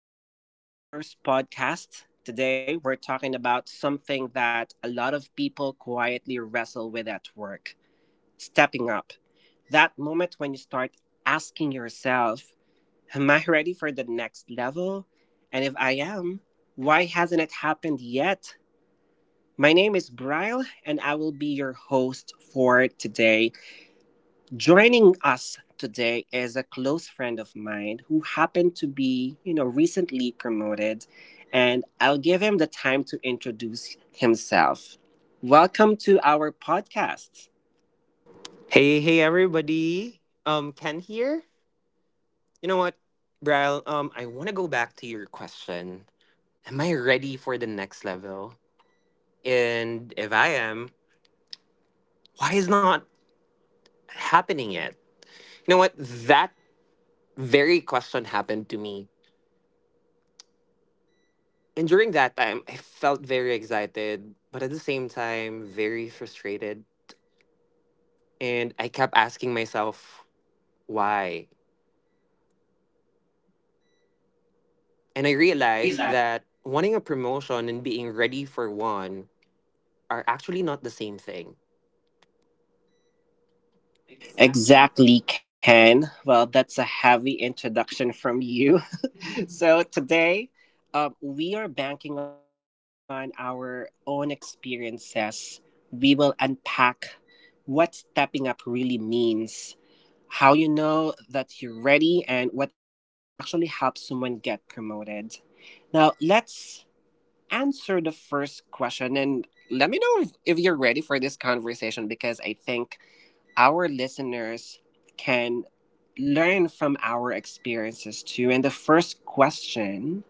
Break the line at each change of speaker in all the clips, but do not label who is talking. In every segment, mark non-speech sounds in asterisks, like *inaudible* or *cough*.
Welcome to our first podcast. Today, we're talking about something that a lot of people quietly wrestle with at work, stepping up. That moment when you start asking yourself, am I ready for the next level? And if I am, why hasn't it happened yet? My name is Bryle, and I will be your host for today. Joining us today is a close friend of mine who happened to be, recently promoted, and I'll give him the time to introduce himself. Welcome to our podcast.
Hey, hey, everybody. Ken here. You know what, Bryle? I want to go back to your question. Am I ready for the next level? And if I am, why is not happening yet? You know what? That very question happened to me. And during that time, I felt very excited, but at the same time, very frustrated. And I kept asking myself, why? And I realized that wanting a promotion and being ready for one are actually not the same thing.
Exactly, Ken. Well, that's a heavy introduction from you. *laughs* *laughs* So today, we are banking on our own experiences. We will unpack what stepping up really means, how you know that you're ready, and what actually helps someone get promoted. Now, let's answer the first question and let me know if you're ready for this conversation because I think our listeners can learn from our experiences too. And the first question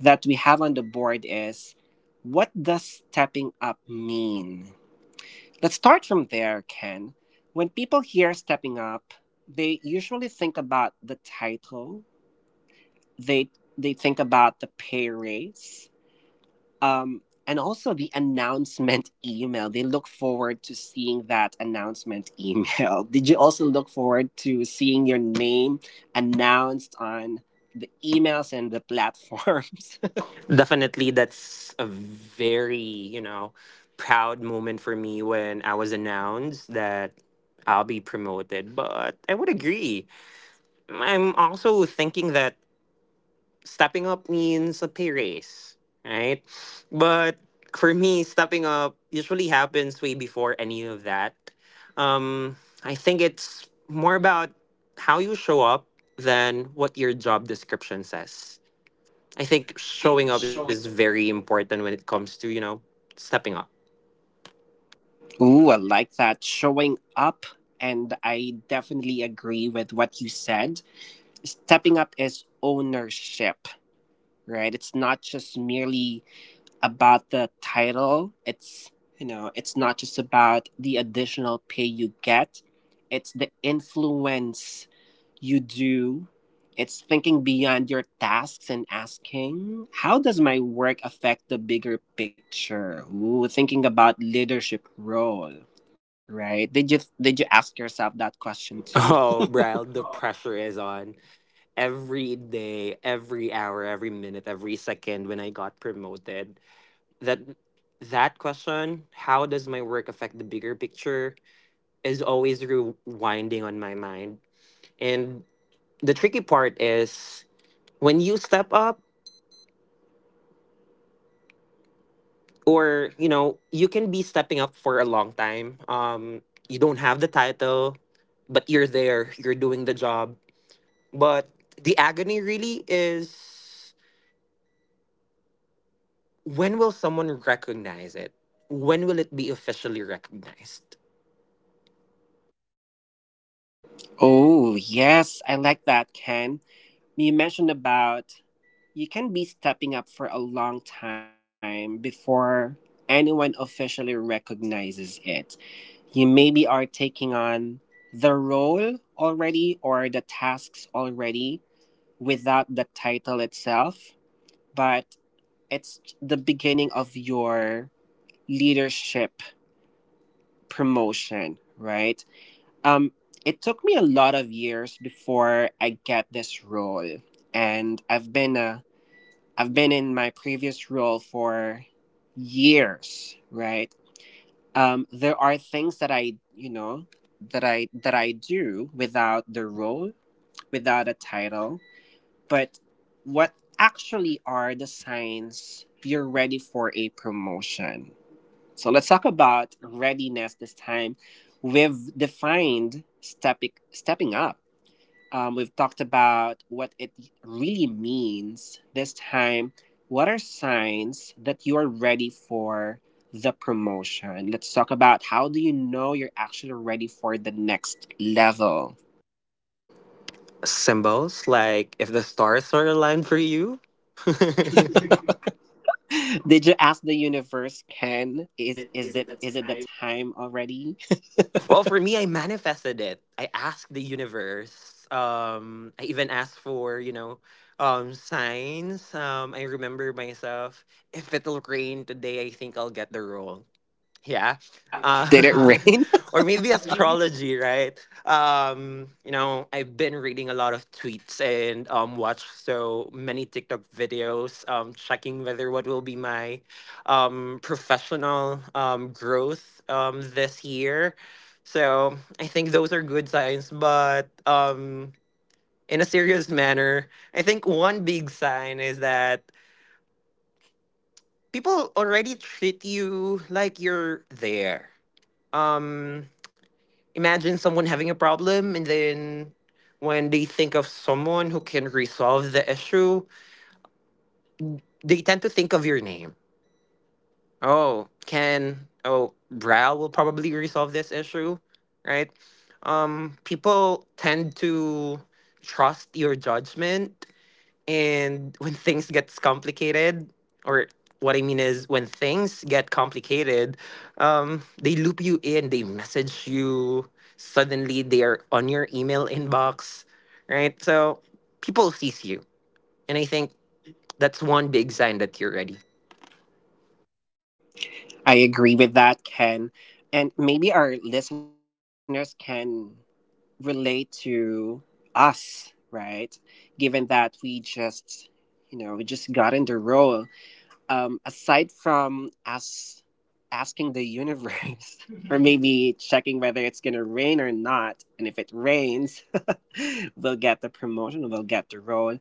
that we have on the board is, what does stepping up mean? Let's start from there, Ken. When people hear stepping up, they usually think about the title, they they think about the pay raise, and also the announcement *laughs* email. They look forward to seeing that announcement email. *laughs* Did you also look forward to seeing your name announced on the emails and the platforms? *laughs* I
Definitely, that's a very, you know, proud moment for me when I was announced that I'll be promoted. But I would agree. I'm also thinking that stepping up means a pay raise, right? But for me, stepping up usually happens way before any of that. Um, I think it's more about how you show up than what your job description says. I think showing
think
up is
showing.
very important when it comes to, you know, stepping up. *laughs*
Ooh, I like that. Showing up. And I definitely agree with what you said. Stepping up is ownership, right? It's not just merely about the title. It's, you know, it's not just about the additional pay you get. It's the influence you do. It's thinking beyond your tasks and asking, how does my work affect the bigger picture? Ooh, thinking about leadership role, right? Did you ask yourself that question too?
Oh,
*laughs*
bro, the pressure is on every day, every hour, every minute, every second when I got promoted. That that question, how does my work affect the bigger picture, is always rewinding on my mind. And the tricky part is when you step up, or you know you can be stepping up for a long time, you don't have the title, but you're there, you're doing the job. But the agony really is, when will someone recognize it? When will it be officially recognized?
Oh, yes, I like that, Ken. You mentioned about, you can be stepping up for a long time before anyone officially recognizes it. You maybe are taking on the role already or the tasks already without the title itself, but it's the beginning of your leadership promotion, right? Um, it took me a lot of years before I get this role, and I've been in my previous role for years, right? There are things that I, you know, that I do without the role, without a title. But what actually are the signs you're ready for a promotion? So let's talk about readiness this time. We've defined stepping up, we've talked about what it really means. This time, what are signs that you are ready for the promotion? Let's talk about, how do you know you're actually ready for the next level?
Symbols, like if the stars are aligned for you. *laughs*
*laughs* Did you ask the universe, Ken?
Is
Is
it?
is
Is it
it
the
is it the
time?
time already?
Well, for me, I manifested it. I asked the universe. I even asked for, you know, signs. I remember myself. If it'll rain today, I think I'll get the role, yeah.
*laughs*
uh,
Did it rain?
*laughs* or maybe astrology, right? You know, I've been reading a lot of tweets, and watched so many TikTok videos, checking whether what will be my professional growth this year. So I think those are good signs, but in a serious manner, I think one big sign is that people already treat you like you're there. Um Imagine someone having a problem, and then when they think of someone who can resolve the issue, they tend to think of your name. Oh, can, oh, Brad will probably resolve this issue, right? People tend to trust your judgment. And when things gets complicated, or what I mean is when things get complicated, they loop you in, they message you, suddenly they are on your email inbox, right? So people sees you. And I think that's one big sign that you're ready.
*laughs* I agree with that, Ken. And maybe our listeners can relate to us, right? Given that we just, you know, we just got in the role. Aside from us asking the universe, *laughs* or maybe checking whether it's going to rain or not, and if it rains, *laughs* we'll get the promotion, we'll get the role.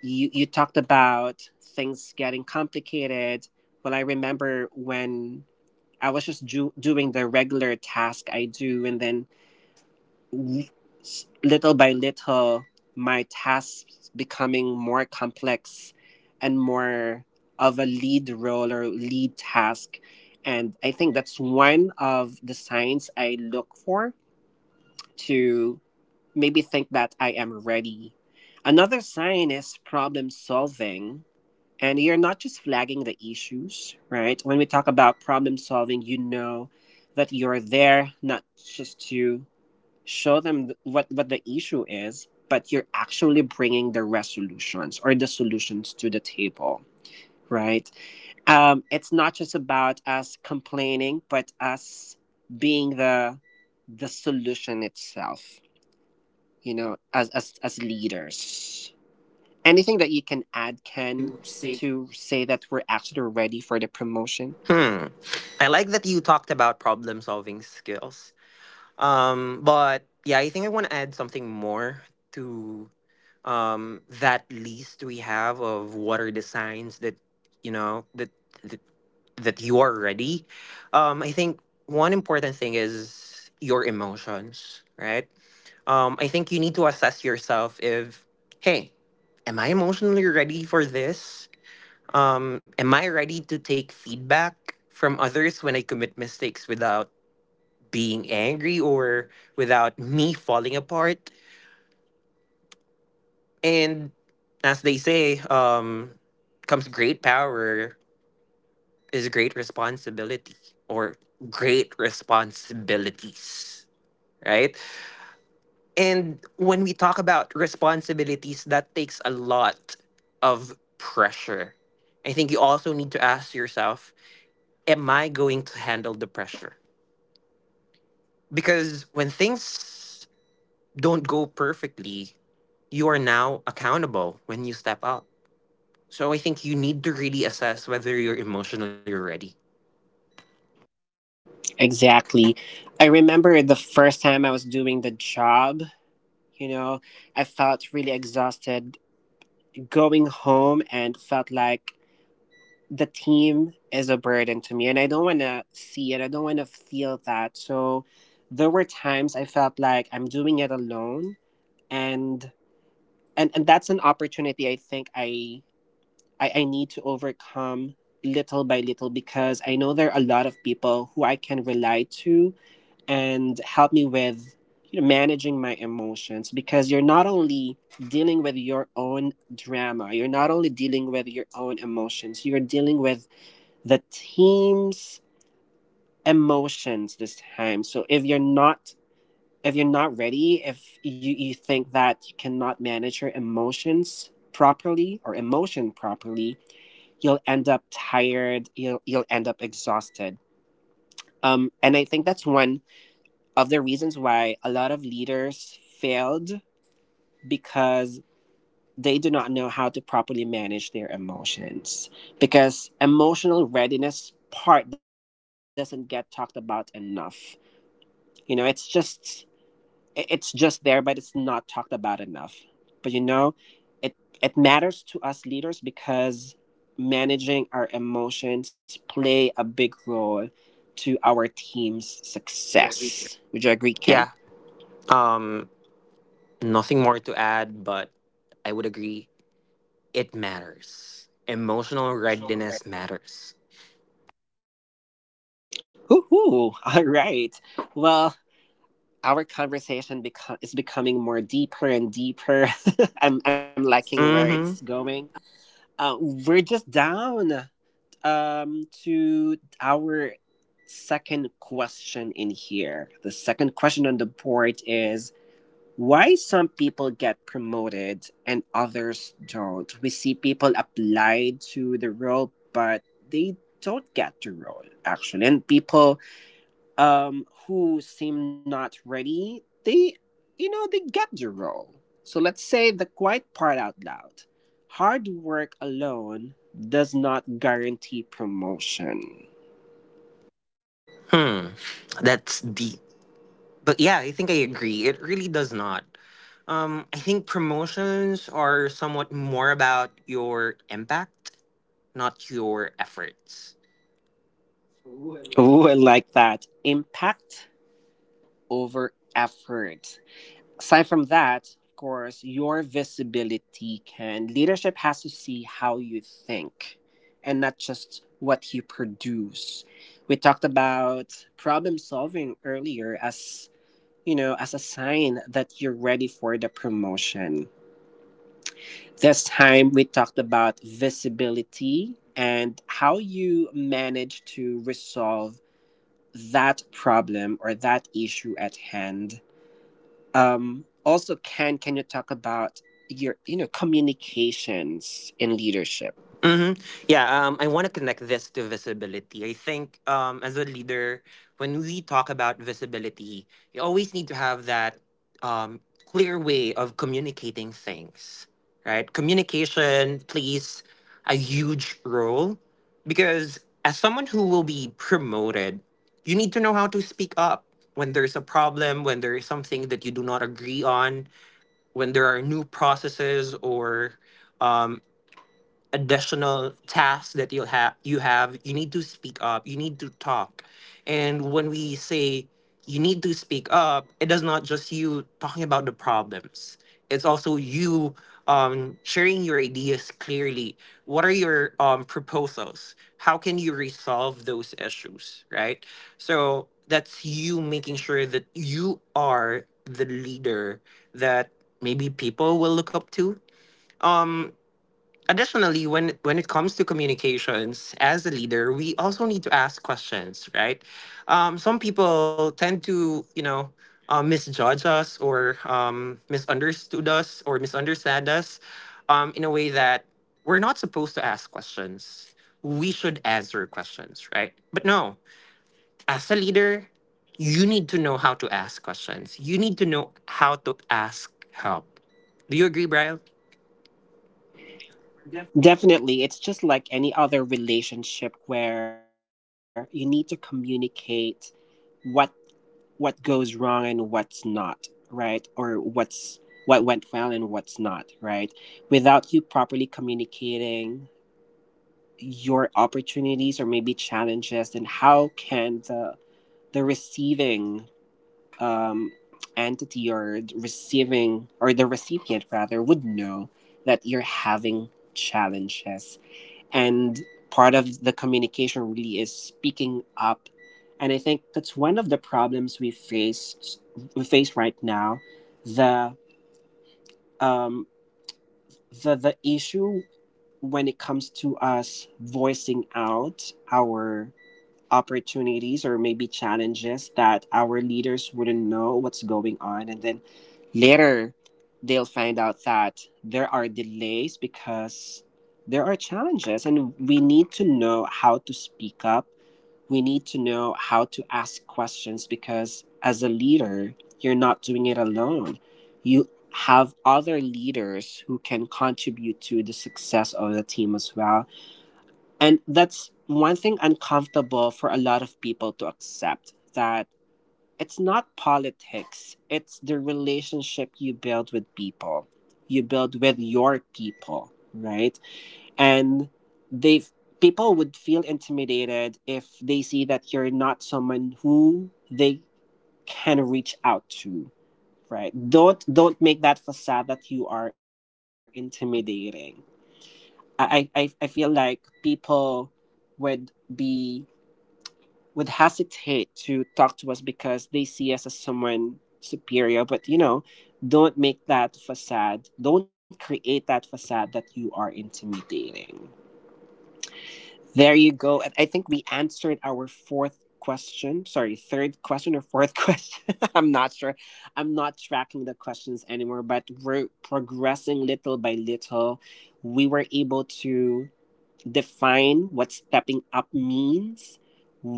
You talked about things getting complicated. Well, I remember when I was just doing the regular task I do, and then l- little by little, my tasks becoming more complex and more of a lead role or lead task. And I think that's one of the signs I look for to maybe think that I am ready. Another sign is problem solving. And you're not just flagging the issues, right? When we talk about problem solving, you know that you're there not just to show them what the issue is, but you're actually bringing the resolutions or the solutions to the table, right? It's not just about us complaining, but us being the solution itself, you know, as leaders. Anything that you can add, Ken, to say that we're actually ready for the promotion?
Hmm. I like that you talked about problem solving skills. But yeah, I think I want to add something more to. That list we have of what are the signs that you know that that, that you are ready. I think one important thing is your emotions, right? I think you need to assess yourself if, hey, am I emotionally ready for this? Am I ready to take feedback from others when I commit mistakes without being angry, or without me falling apart? And as they say, comes great power is great responsibility, or great responsibilities, right? And when we talk about responsibilities, that takes a lot of pressure. I think you also need to ask yourself, am I going to handle the pressure? Because when things don't go perfectly, you are now accountable when you step up. So I think you need to really assess whether you're emotionally ready.
Exactly. I remember the first time I was doing the job, you know, I felt really exhausted going home and felt like the team is a burden to me and I don't want to see it. I don't want to feel that. So there were times I felt like I'm doing it alone, and and that's an opportunity I think I need to overcome little by little because I know there are a lot of people who I can rely to and help me with, you know, managing my emotions, because you're not only dealing with your own drama, you're not only dealing with your own emotions, you're dealing with the team's emotions this time. So if you're not, if you're not ready, if you think that you cannot manage your emotions properly or emotion properly, you'll end up tired, you'll end up exhausted. And I think that's one of the reasons why a lot of leaders failed, because they do not know how to properly manage their emotions, because emotional readiness part doesn't get talked about enough. You know, it's just, it's just there, but it's not talked about enough. But you know, it it matters to us leaders because managing our emotions play a big role to our team's
Jack,
success.
we.
Would you agree, Ken?
Yeah. Um Nothing more to add, but I would agree, it matters. Emotional readiness matters.
Woohoo! *laughs* All right. Well, our conversation is becoming more deeper and deeper. *laughs* I'm
Right?
liking where
Mm-hmm.
it's going. We're just down to our second question in here. The second question on the board is, why some people get promoted and others don't? We see people applied to the role, but they don't get the role, actually. And people who seem not ready, they, you know, they get the role. So let's say the quiet part out loud. Hard work alone does not guarantee promotion.
Hmm. That's deep. But yeah, I think I agree. It really does not. I think promotions are somewhat more about your impact, not your efforts.
Oh, I like that. Impact over effort. Aside from that, of course, your visibility can. Leadership has to see how you think and not just what you produce. We talked about problem solving earlier as, you know, as a sign that you're ready for the promotion. This time we talked about visibility and how you manage to resolve that problem or that issue at hand. Also, Ken, can you talk about your, you know, communications in leadership?
Hmm. Yeah, I want to connect this to visibility. I think, as a leader, when we talk about visibility, you always need to have that clear way of communicating things, right? Communication plays a huge role, because as someone who will be promoted, you need to know how to speak up when there's a problem, when there is something that you do not agree on, when there are new processes or um, additional tasks that you have, you need to speak up, you need to talk. And when we say you need to speak up, it does not just you talking about the problems, it's also you sharing your ideas clearly. What are your proposals? How can you resolve those issues, right? So that's you making sure that you are the leader that maybe people will look up to. Um Additionally, when it comes to communications as a leader, we also need to ask questions, right? Some people tend to, you know, misjudge us, or misunderstood us, or misunderstand us in a way that we're not supposed to ask questions, we should answer questions, right? But no, as a leader, you need to know how to ask questions, you need to know how to ask help. Do you agree, Brian?
Definitely. It's just like any other relationship where you need to communicate what what goes wrong and what's not right, or what's what went well and what's not right. Without you properly communicating your opportunities or maybe challenges, and how can the receiving um, entity, or the receiving, or the recipient rather, would know that you're having challenges. And part of the communication really is speaking up. And I think that's one of the problems we face right now, the um the issue when it comes to us voicing out our opportunities or maybe challenges, that our leaders wouldn't know what's going on, and then later they'll find out that there are delays because there are challenges. And we need to know how to speak up, we need to know how to ask questions, because as a leader, you're not doing it alone. You have other leaders who can contribute to the success of the team as well. And that's one thing uncomfortable for a lot of people to accept, that it's not politics, it's the relationship you build with people, you build with your people, right? And they, people would feel intimidated if they see that you're not someone who they can reach out to, right? Don't make that facade that you are intimidating. I feel like people would be, would hesitate to talk to us because they see us as someone superior. But you know, don't make that facade, don't create that facade that you are intimidating. There you go. And I think we answered our fourth question. Sorry, third question or fourth *laughs* question. I'm not sure. I'm not tracking the questions anymore, but we're progressing little by little. We were able to define what stepping up means.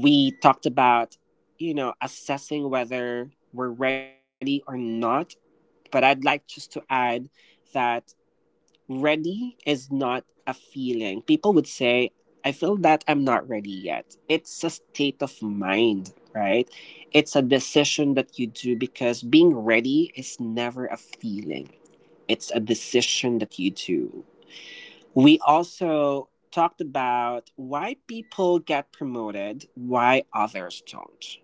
We talked about, you know, assessing whether we're ready or not. But I'd like just to add that ready is not a feeling. People would say, I feel that I'm not ready yet. It's a state of mind, right? It's a decision that you do, because being ready is never a feeling. It's a decision that you do. We also talked about why people get promoted, why others don't.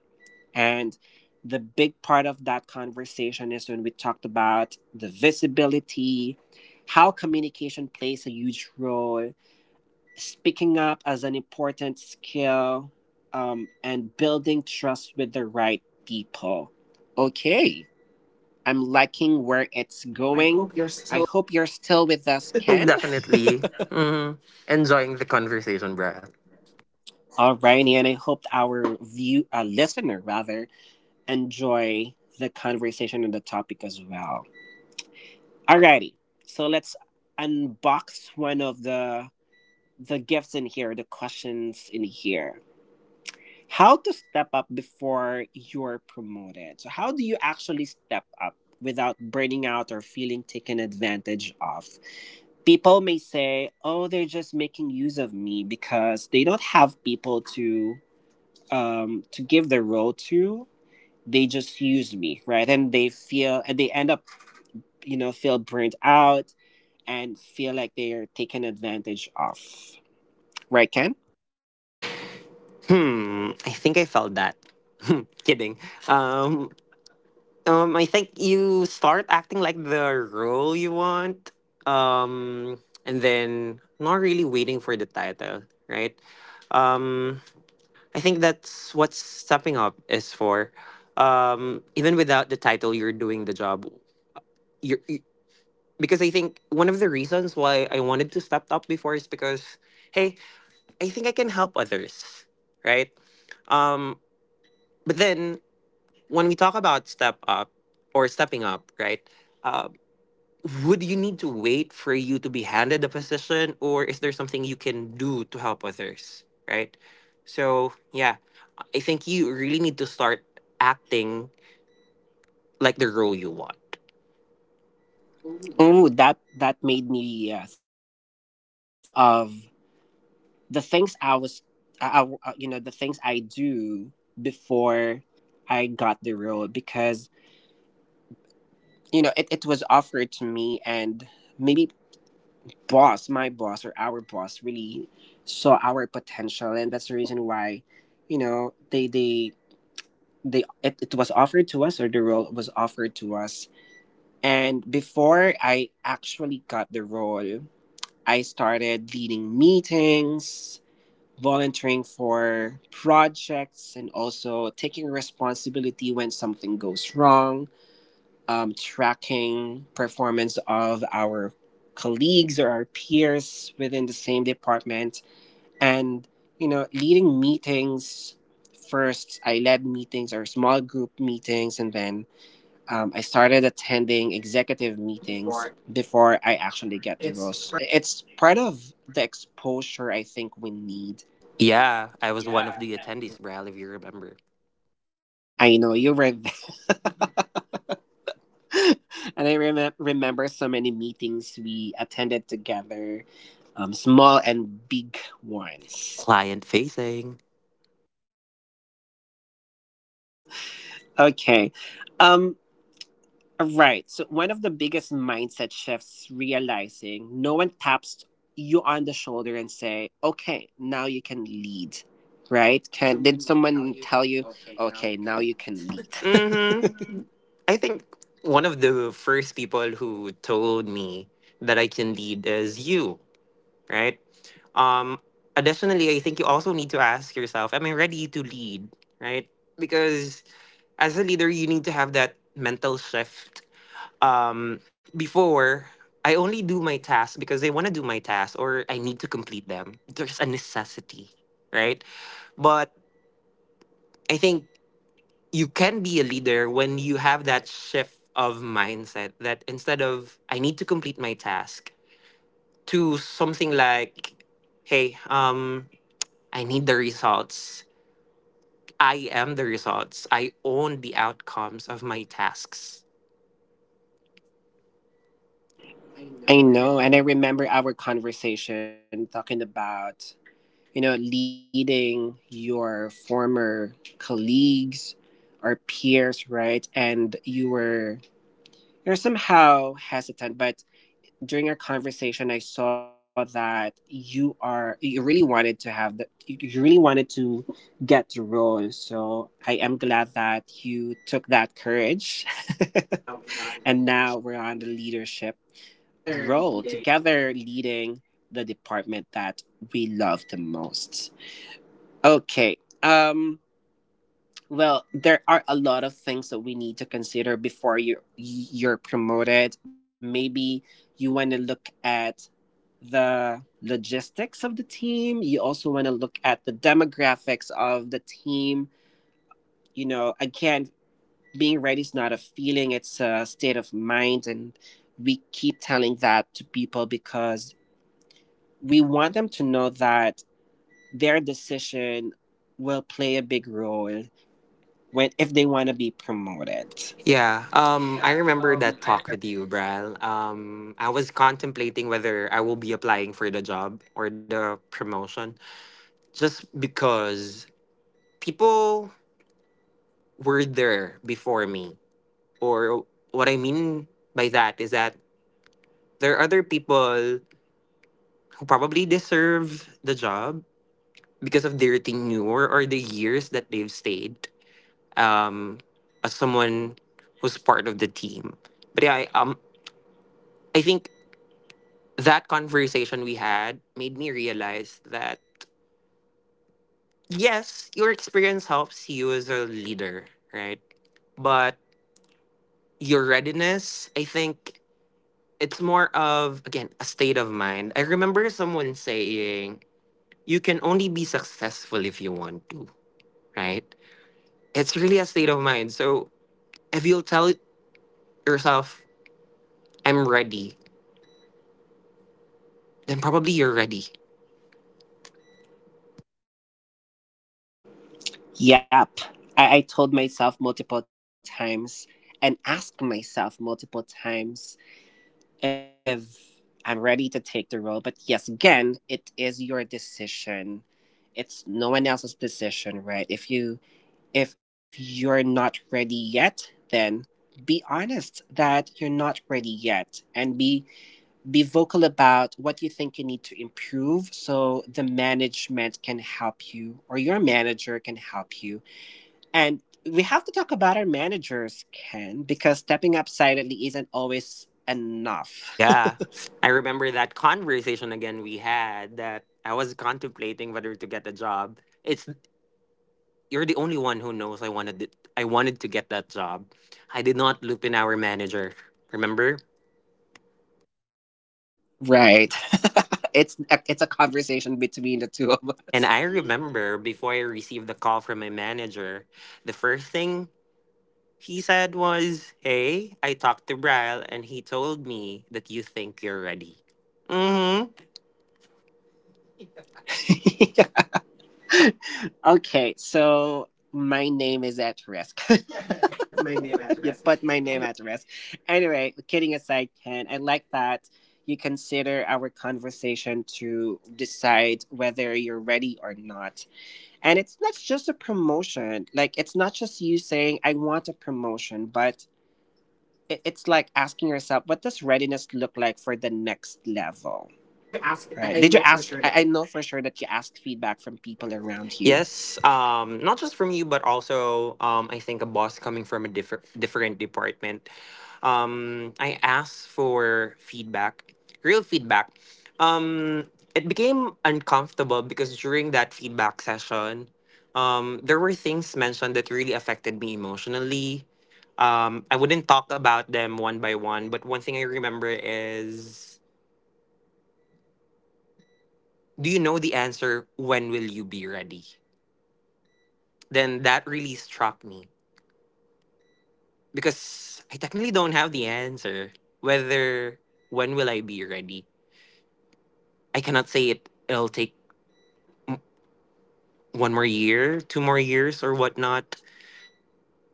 And the big part of that conversation is when we talked about the visibility, how communication plays a huge role, speaking up as an important skill, and building trust with the right people. Okay, I'm liking where it's going. I hope you're still with us,
*laughs*
Ken.
Definitely. Mhm. Enjoying the conversation, Brad.
Alrighty, and I hope our view, listener rather, enjoy the conversation and the topic as well. Alrighty, so let's unbox one of the gifts in here, the questions in here. How to step up before you're promoted. So how do you actually step up without burning out or feeling taken advantage of? People may say, "Oh, they're just making use of me because they don't have people to." To give their role to, they just use me, right? And they feel, and they end up, feel burnt out and feel like they are taken advantage of, right, Ken?
Hmm, I think I felt that. *laughs* Kidding. Um, I think you start acting like the role you want, um, and then not really waiting for the title, right? Um, I think that's what stepping up is for. Even without the title, you're doing the job. You're, you, because I think one of the reasons why I wanted to step up before is because, hey, I think I can help others, right? Um, but then when we talk about step up or stepping up, right? Uh, would you need to wait for you to be handed a position, or is there something you can do to help others, right? So yeah, I think you really need to start acting like the role you want.
Oh, that made me think of the things I was, the things I do before I got the role because you know it was offered to me. And maybe boss, my boss or our boss really saw our potential, and that's the reason why, you know, they it was offered to us, or the role was offered to us. And before I actually got the role, I started leading meetings, volunteering for projects, and also taking responsibility when something goes wrong, tracking performance of our colleagues or our peers within the same department. And you know, leading meetings, first I led meetings or small group meetings, and then I started attending executive meetings before I actually get the roles. It's part of the exposure I think we need.
Yeah, I was one of the attendees, Bral, if you remember.
I know you were there. *laughs* *laughs* And I remember so many meetings we attended together, small and big ones.
Client facing.
Okay. Um, right. So, one of the biggest mindset shifts, realizing no one taps you on the shoulder and say, okay, now you can lead. Right? Can Did someone tell you, okay, now you can lead?
Mm-hmm. I think one of the first people who told me that I can lead is you, right? Um, additionally, I think you also need to ask yourself, am I ready to lead, right? Because as a leader, you need to have that mental shift. Before, I only do my tasks because I want to do my tasks, or I need to complete them. There's a necessity, right? But I think you can be a leader when you have that shift of mindset, that instead of I need to complete my task to something like, hey, I need the results, I am the results, I own the outcomes of my tasks.
*laughs* I know, and I remember our conversation talking about, you know, leading your former colleagues or peers, right? And you were, you're somehow hesitant, but during our conversation, I saw that you really wanted to have the, you really wanted to get the role. So I am glad that you took that courage, *laughs* and now we're on the leadership role together, leading the department that we love the most. Okay. Um well, there are a lot of things that we need to consider before you're promoted. Maybe you want to look at the logistics of the team. You also want to look at the demographics of the team. You know, again, being ready is not a feeling, it's a state of mind, and we keep telling that to people because we want them to know that their decision will play a big role when if they want to be promoted.
Yeah, I remember that talk with you, Bral. I was contemplating whether I will be applying for the job or the promotion, just because people were there before me. Or what I mean by that is that there are other people who probably deserve the job because of their tenure or the years that they've stayed um, as someone who's part of the team. But yeah, I think that conversation we had made me realize that, yes, your experience helps you as a leader, right? But your readiness, I think it's more of, again, a state of mind. I remember someone saying you can only be successful if you want to, right? It's really a state of mind. So if you'll tell yourself I'm ready, then probably you're ready.
Yep. I told myself multiple times and asked myself multiple times if I'm ready to take the role. But yes, again, it is your decision. It's no one else's decision, right? If you're not ready yet, then be honest that you're not ready yet, and be vocal about what you think you need to improve so the management can help you or your manager can help you. And we have to talk about our managers, Ken, because stepping up silently isn't always enough.
Yeah. I remember that conversation again we had, that I was contemplating whether to get a job. It's you're the only one who knows I wanted it, I wanted to get that job. I did not loop in our manager. Remember?
Right. *laughs* It's a conversation between the two of
And
us.
I remember before I received the call from my manager, the first thing he said was, "Hey, I talked to Bryle and he told me that you think you're ready." Mm-hmm.
*laughs* Okay, so my name is at risk. *laughs* You put my name at risk. Anyway, kidding aside, Ken, I like that you consider our conversation to decide whether you're ready or not. And it's not just a promotion. Like, it's not just you saying, I want a promotion, but it's like asking yourself, what does readiness look like for the next level? Right. Did you ask? I know for sure that you asked feedback from people around you.
Yes, not just from you, but also, I think, a boss coming from a different department. I asked for feedback, real feedback. Um, it became uncomfortable because during that feedback session, there were things mentioned that really affected me emotionally. I wouldn't talk about them one by one, but one thing I remember is, "Do you know the answer? When will you be ready?" Then that really struck me because I technically don't have the answer whether when will I be ready. I cannot say it. It'll take one more year, two more years, or whatnot.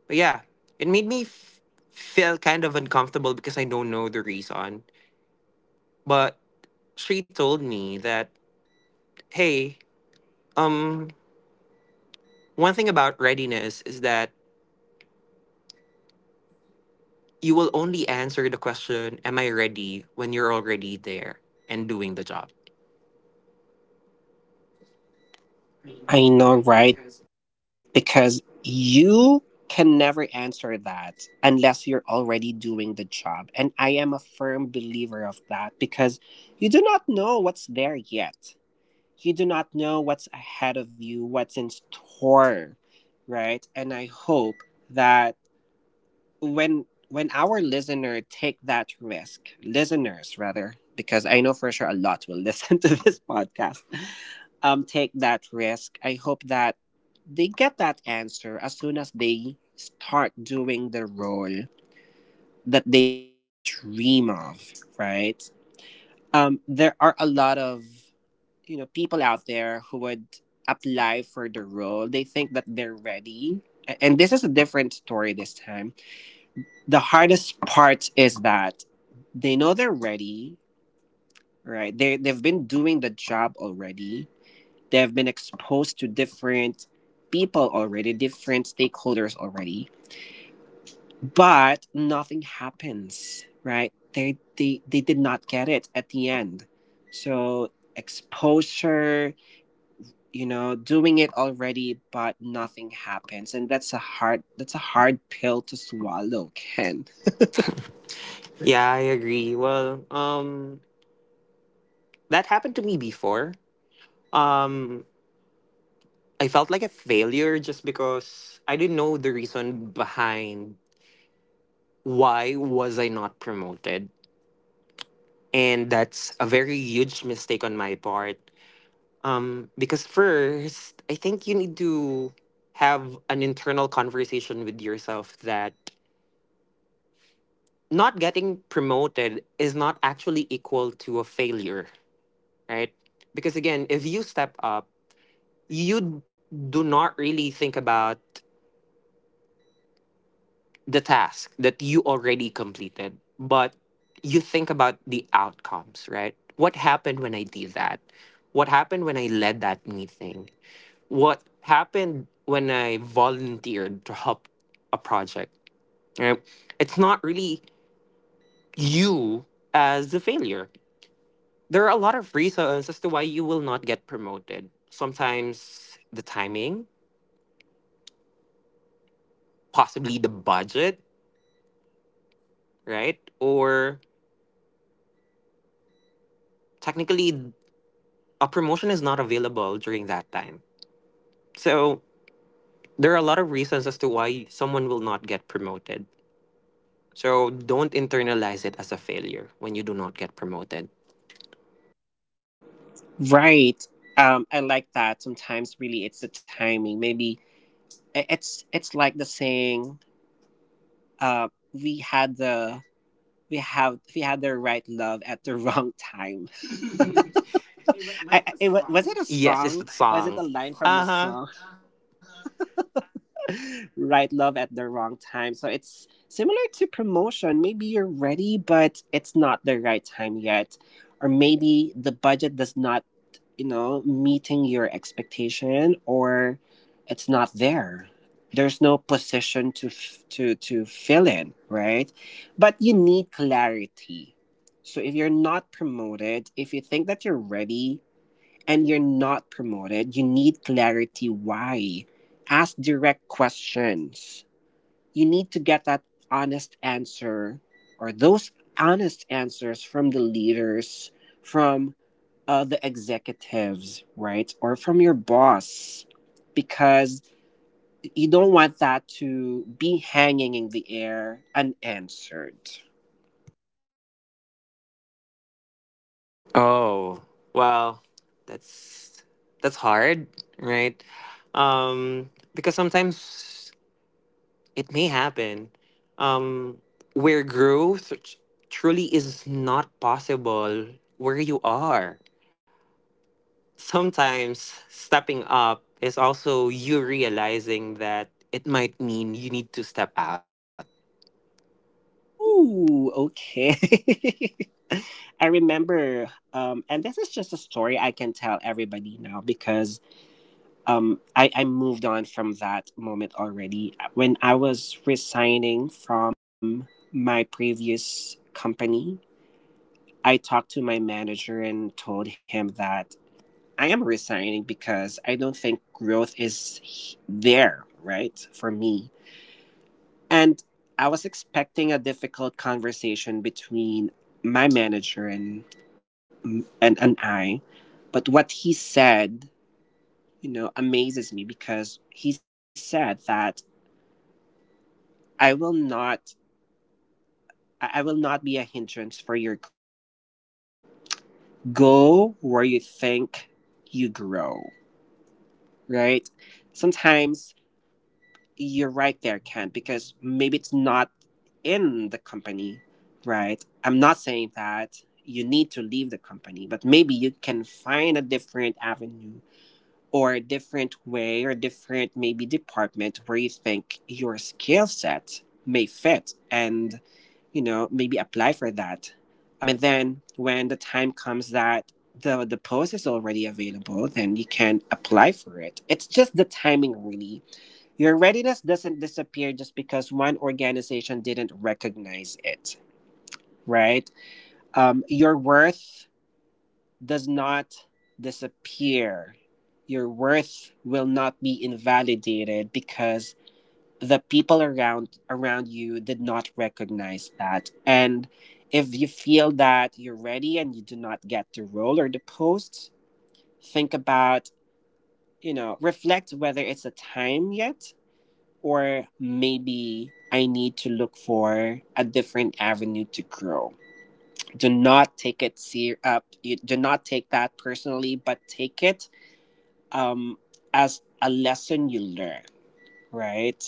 But yeah, it made me feel kind of uncomfortable because I don't know the reason. But she told me that, hey, um, one thing about readiness is that you will only answer the question, "Am I ready?" when you're already there and doing the job.
I know, right? Because you can never answer that unless you're already doing the job. And I am a firm believer of that because you do not know what's there yet. You do not know what's ahead of you, what's in store, right? And I hope that when our listener take that risk, listeners rather, because I know for sure a lot will *laughs* listen to this podcast, take that risk. I hope that they get that answer as soon as they start doing the role that they dream of, right? There are a lot of, you know, people out there who would apply for the role they think that they're ready. And this is a different story this time. The hardest part is that they know they're ready, right? They've been doing the job already. They've been exposed to different people already, different stakeholders already, but nothing happens, right? They did not get it at the end. So exposure, you know, doing it already but nothing happens, and that's a hard pill to swallow, Ken.
Yeah, I agree. Well, that happened to me before. Um, I felt like a failure just because I didn't know the reason behind why was I not promoted, and that's a very huge mistake on my part. Because first, I think you need to have an internal conversation with yourself that not getting promoted is not actually equal to a failure, right? Because again, if you step up, you do not really think about the task that you already completed, but you think about the outcomes, right? What happened when I did that? What happened when I led that meeting? What happened when I volunteered to help a project? Right? It's not really you as the failure. There are a lot of reasons as to why you will not get promoted. Sometimes the timing, possibly the budget, right? Or technically a promotion is not available during that time. So there are a lot of reasons as to why someone will not get promoted. So don't internalize it as a failure when you do not get promoted.
Right. I like that. Sometimes really it's the timing. Maybe it's like the saying, uh, we had the we had the right love at the wrong time. *laughs* Was it a
Yes,
song?
it's the
Was it a
song.
line from a
Uh huh.
song? *laughs* Right love at the wrong time. So it's similar to promotion. Maybe you're ready, but it's not the right time yet. Or maybe the budget does not, you know, meeting your expectation, or it's not there. There's no position to to fill in, right? But you need clarity. So if you're not promoted, if you think that you're ready and you're not promoted, you need clarity why. Ask direct questions. You need to get that honest answer or those honest answers from the leaders, from other executives, right? Or from your boss, because you don't want that to be hanging in the air unanswered.
Oh, well, that's that's hard, right? Because sometimes it may happen. Um, where growth truly is not possible where you are, sometimes stepping up is also you realizing that it might mean you need to step out,
Ooh, okay. *laughs* I remember, and this is just a story I can tell everybody now because I moved on from that moment already. When I was resigning from my previous company, I talked to my manager and told him that I am resigning because I don't think growth is there, right? For me. And I was expecting a difficult conversation between my manager and and, and I, but what he said, you know, amazes me because he said that I will not I will not be a hindrance for your growth. Go where you think you grow, right? Sometimes you're right there, Ken, because maybe it's not in the company, right? I'm not saying that you need to leave the company, but maybe you can find a different avenue or a different way or different maybe department where you think your skill set may fit, and, you know, maybe apply for that. And then when the time comes that the post is already available, then you can apply for it. It's just the timing, really. Your readiness doesn't disappear just because one organization didn't recognize it, right? Your worth does not disappear. Your worth will not be invalidated because the people around you did not recognize that. And if you feel that you're ready and you do not get the role or the post, think about, you know, reflect whether it's a time yet, or maybe I need to look for a different avenue to grow. Do not take it ser- up. You do not take that personally, but take it um, as a lesson you learn. Right.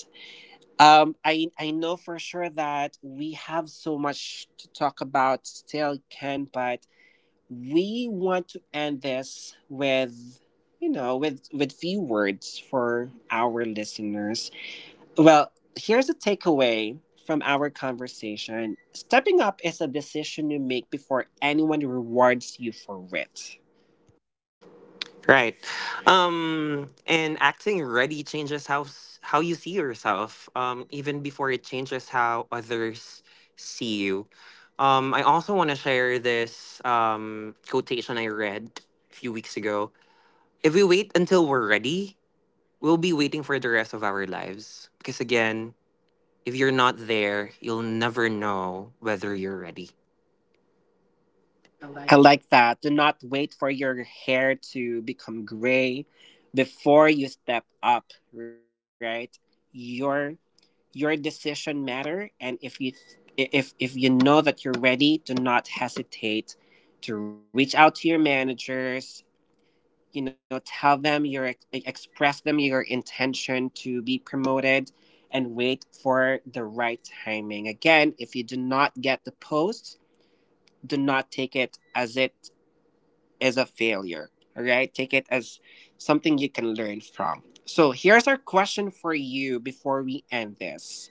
I know for sure that we have so much to talk about still, Ken, but we want to end this with, you know, with few words for our listeners. Well, here's a takeaway from our conversation: stepping up is a decision you make before anyone rewards you for it.
right? And acting ready changes how how you see yourself, even before it changes how others see you. I also want to share this quotation I read a few weeks ago: if we wait until we're ready, we'll be waiting for the rest of our lives, because again, if you're not there, you'll never know whether you're ready.
I like that. Do not wait for your hair to become gray before you step up, right? Your your decision matter, and if you, if you know that you're ready, do not hesitate to reach out to your managers, you know, tell them your, express them your intention to be promoted, and wait for the right timing. Again, if you do not get the post, do not take it as it is a failure. All right, take it as something you can learn from. So here's our question for you before we end this: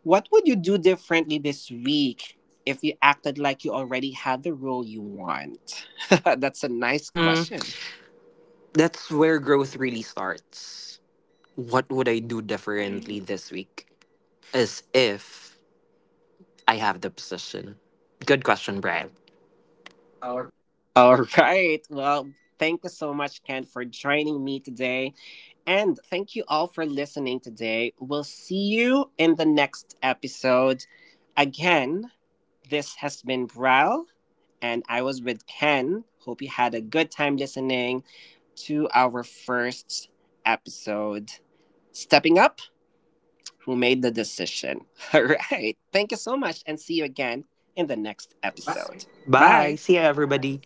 what would you do differently this week if you acted like you already had the role you want? *laughs* That's a nice
Mm,
question.
that's where growth really starts. What would I do differently this week? As if I have the position. Good question, Brian.
All *laughs* right. Well, thank you so much, Ken, for joining me today. And thank you all for listening today. We'll see you in the next episode. Again, this has been Brel, and I was with Ken. Hope you had a good time listening to our first episode. Stepping Up, who made the decision. *laughs* All right. Thank you so much, and see you again in the next episode.
Bye.
Bye.
See ya, everybody.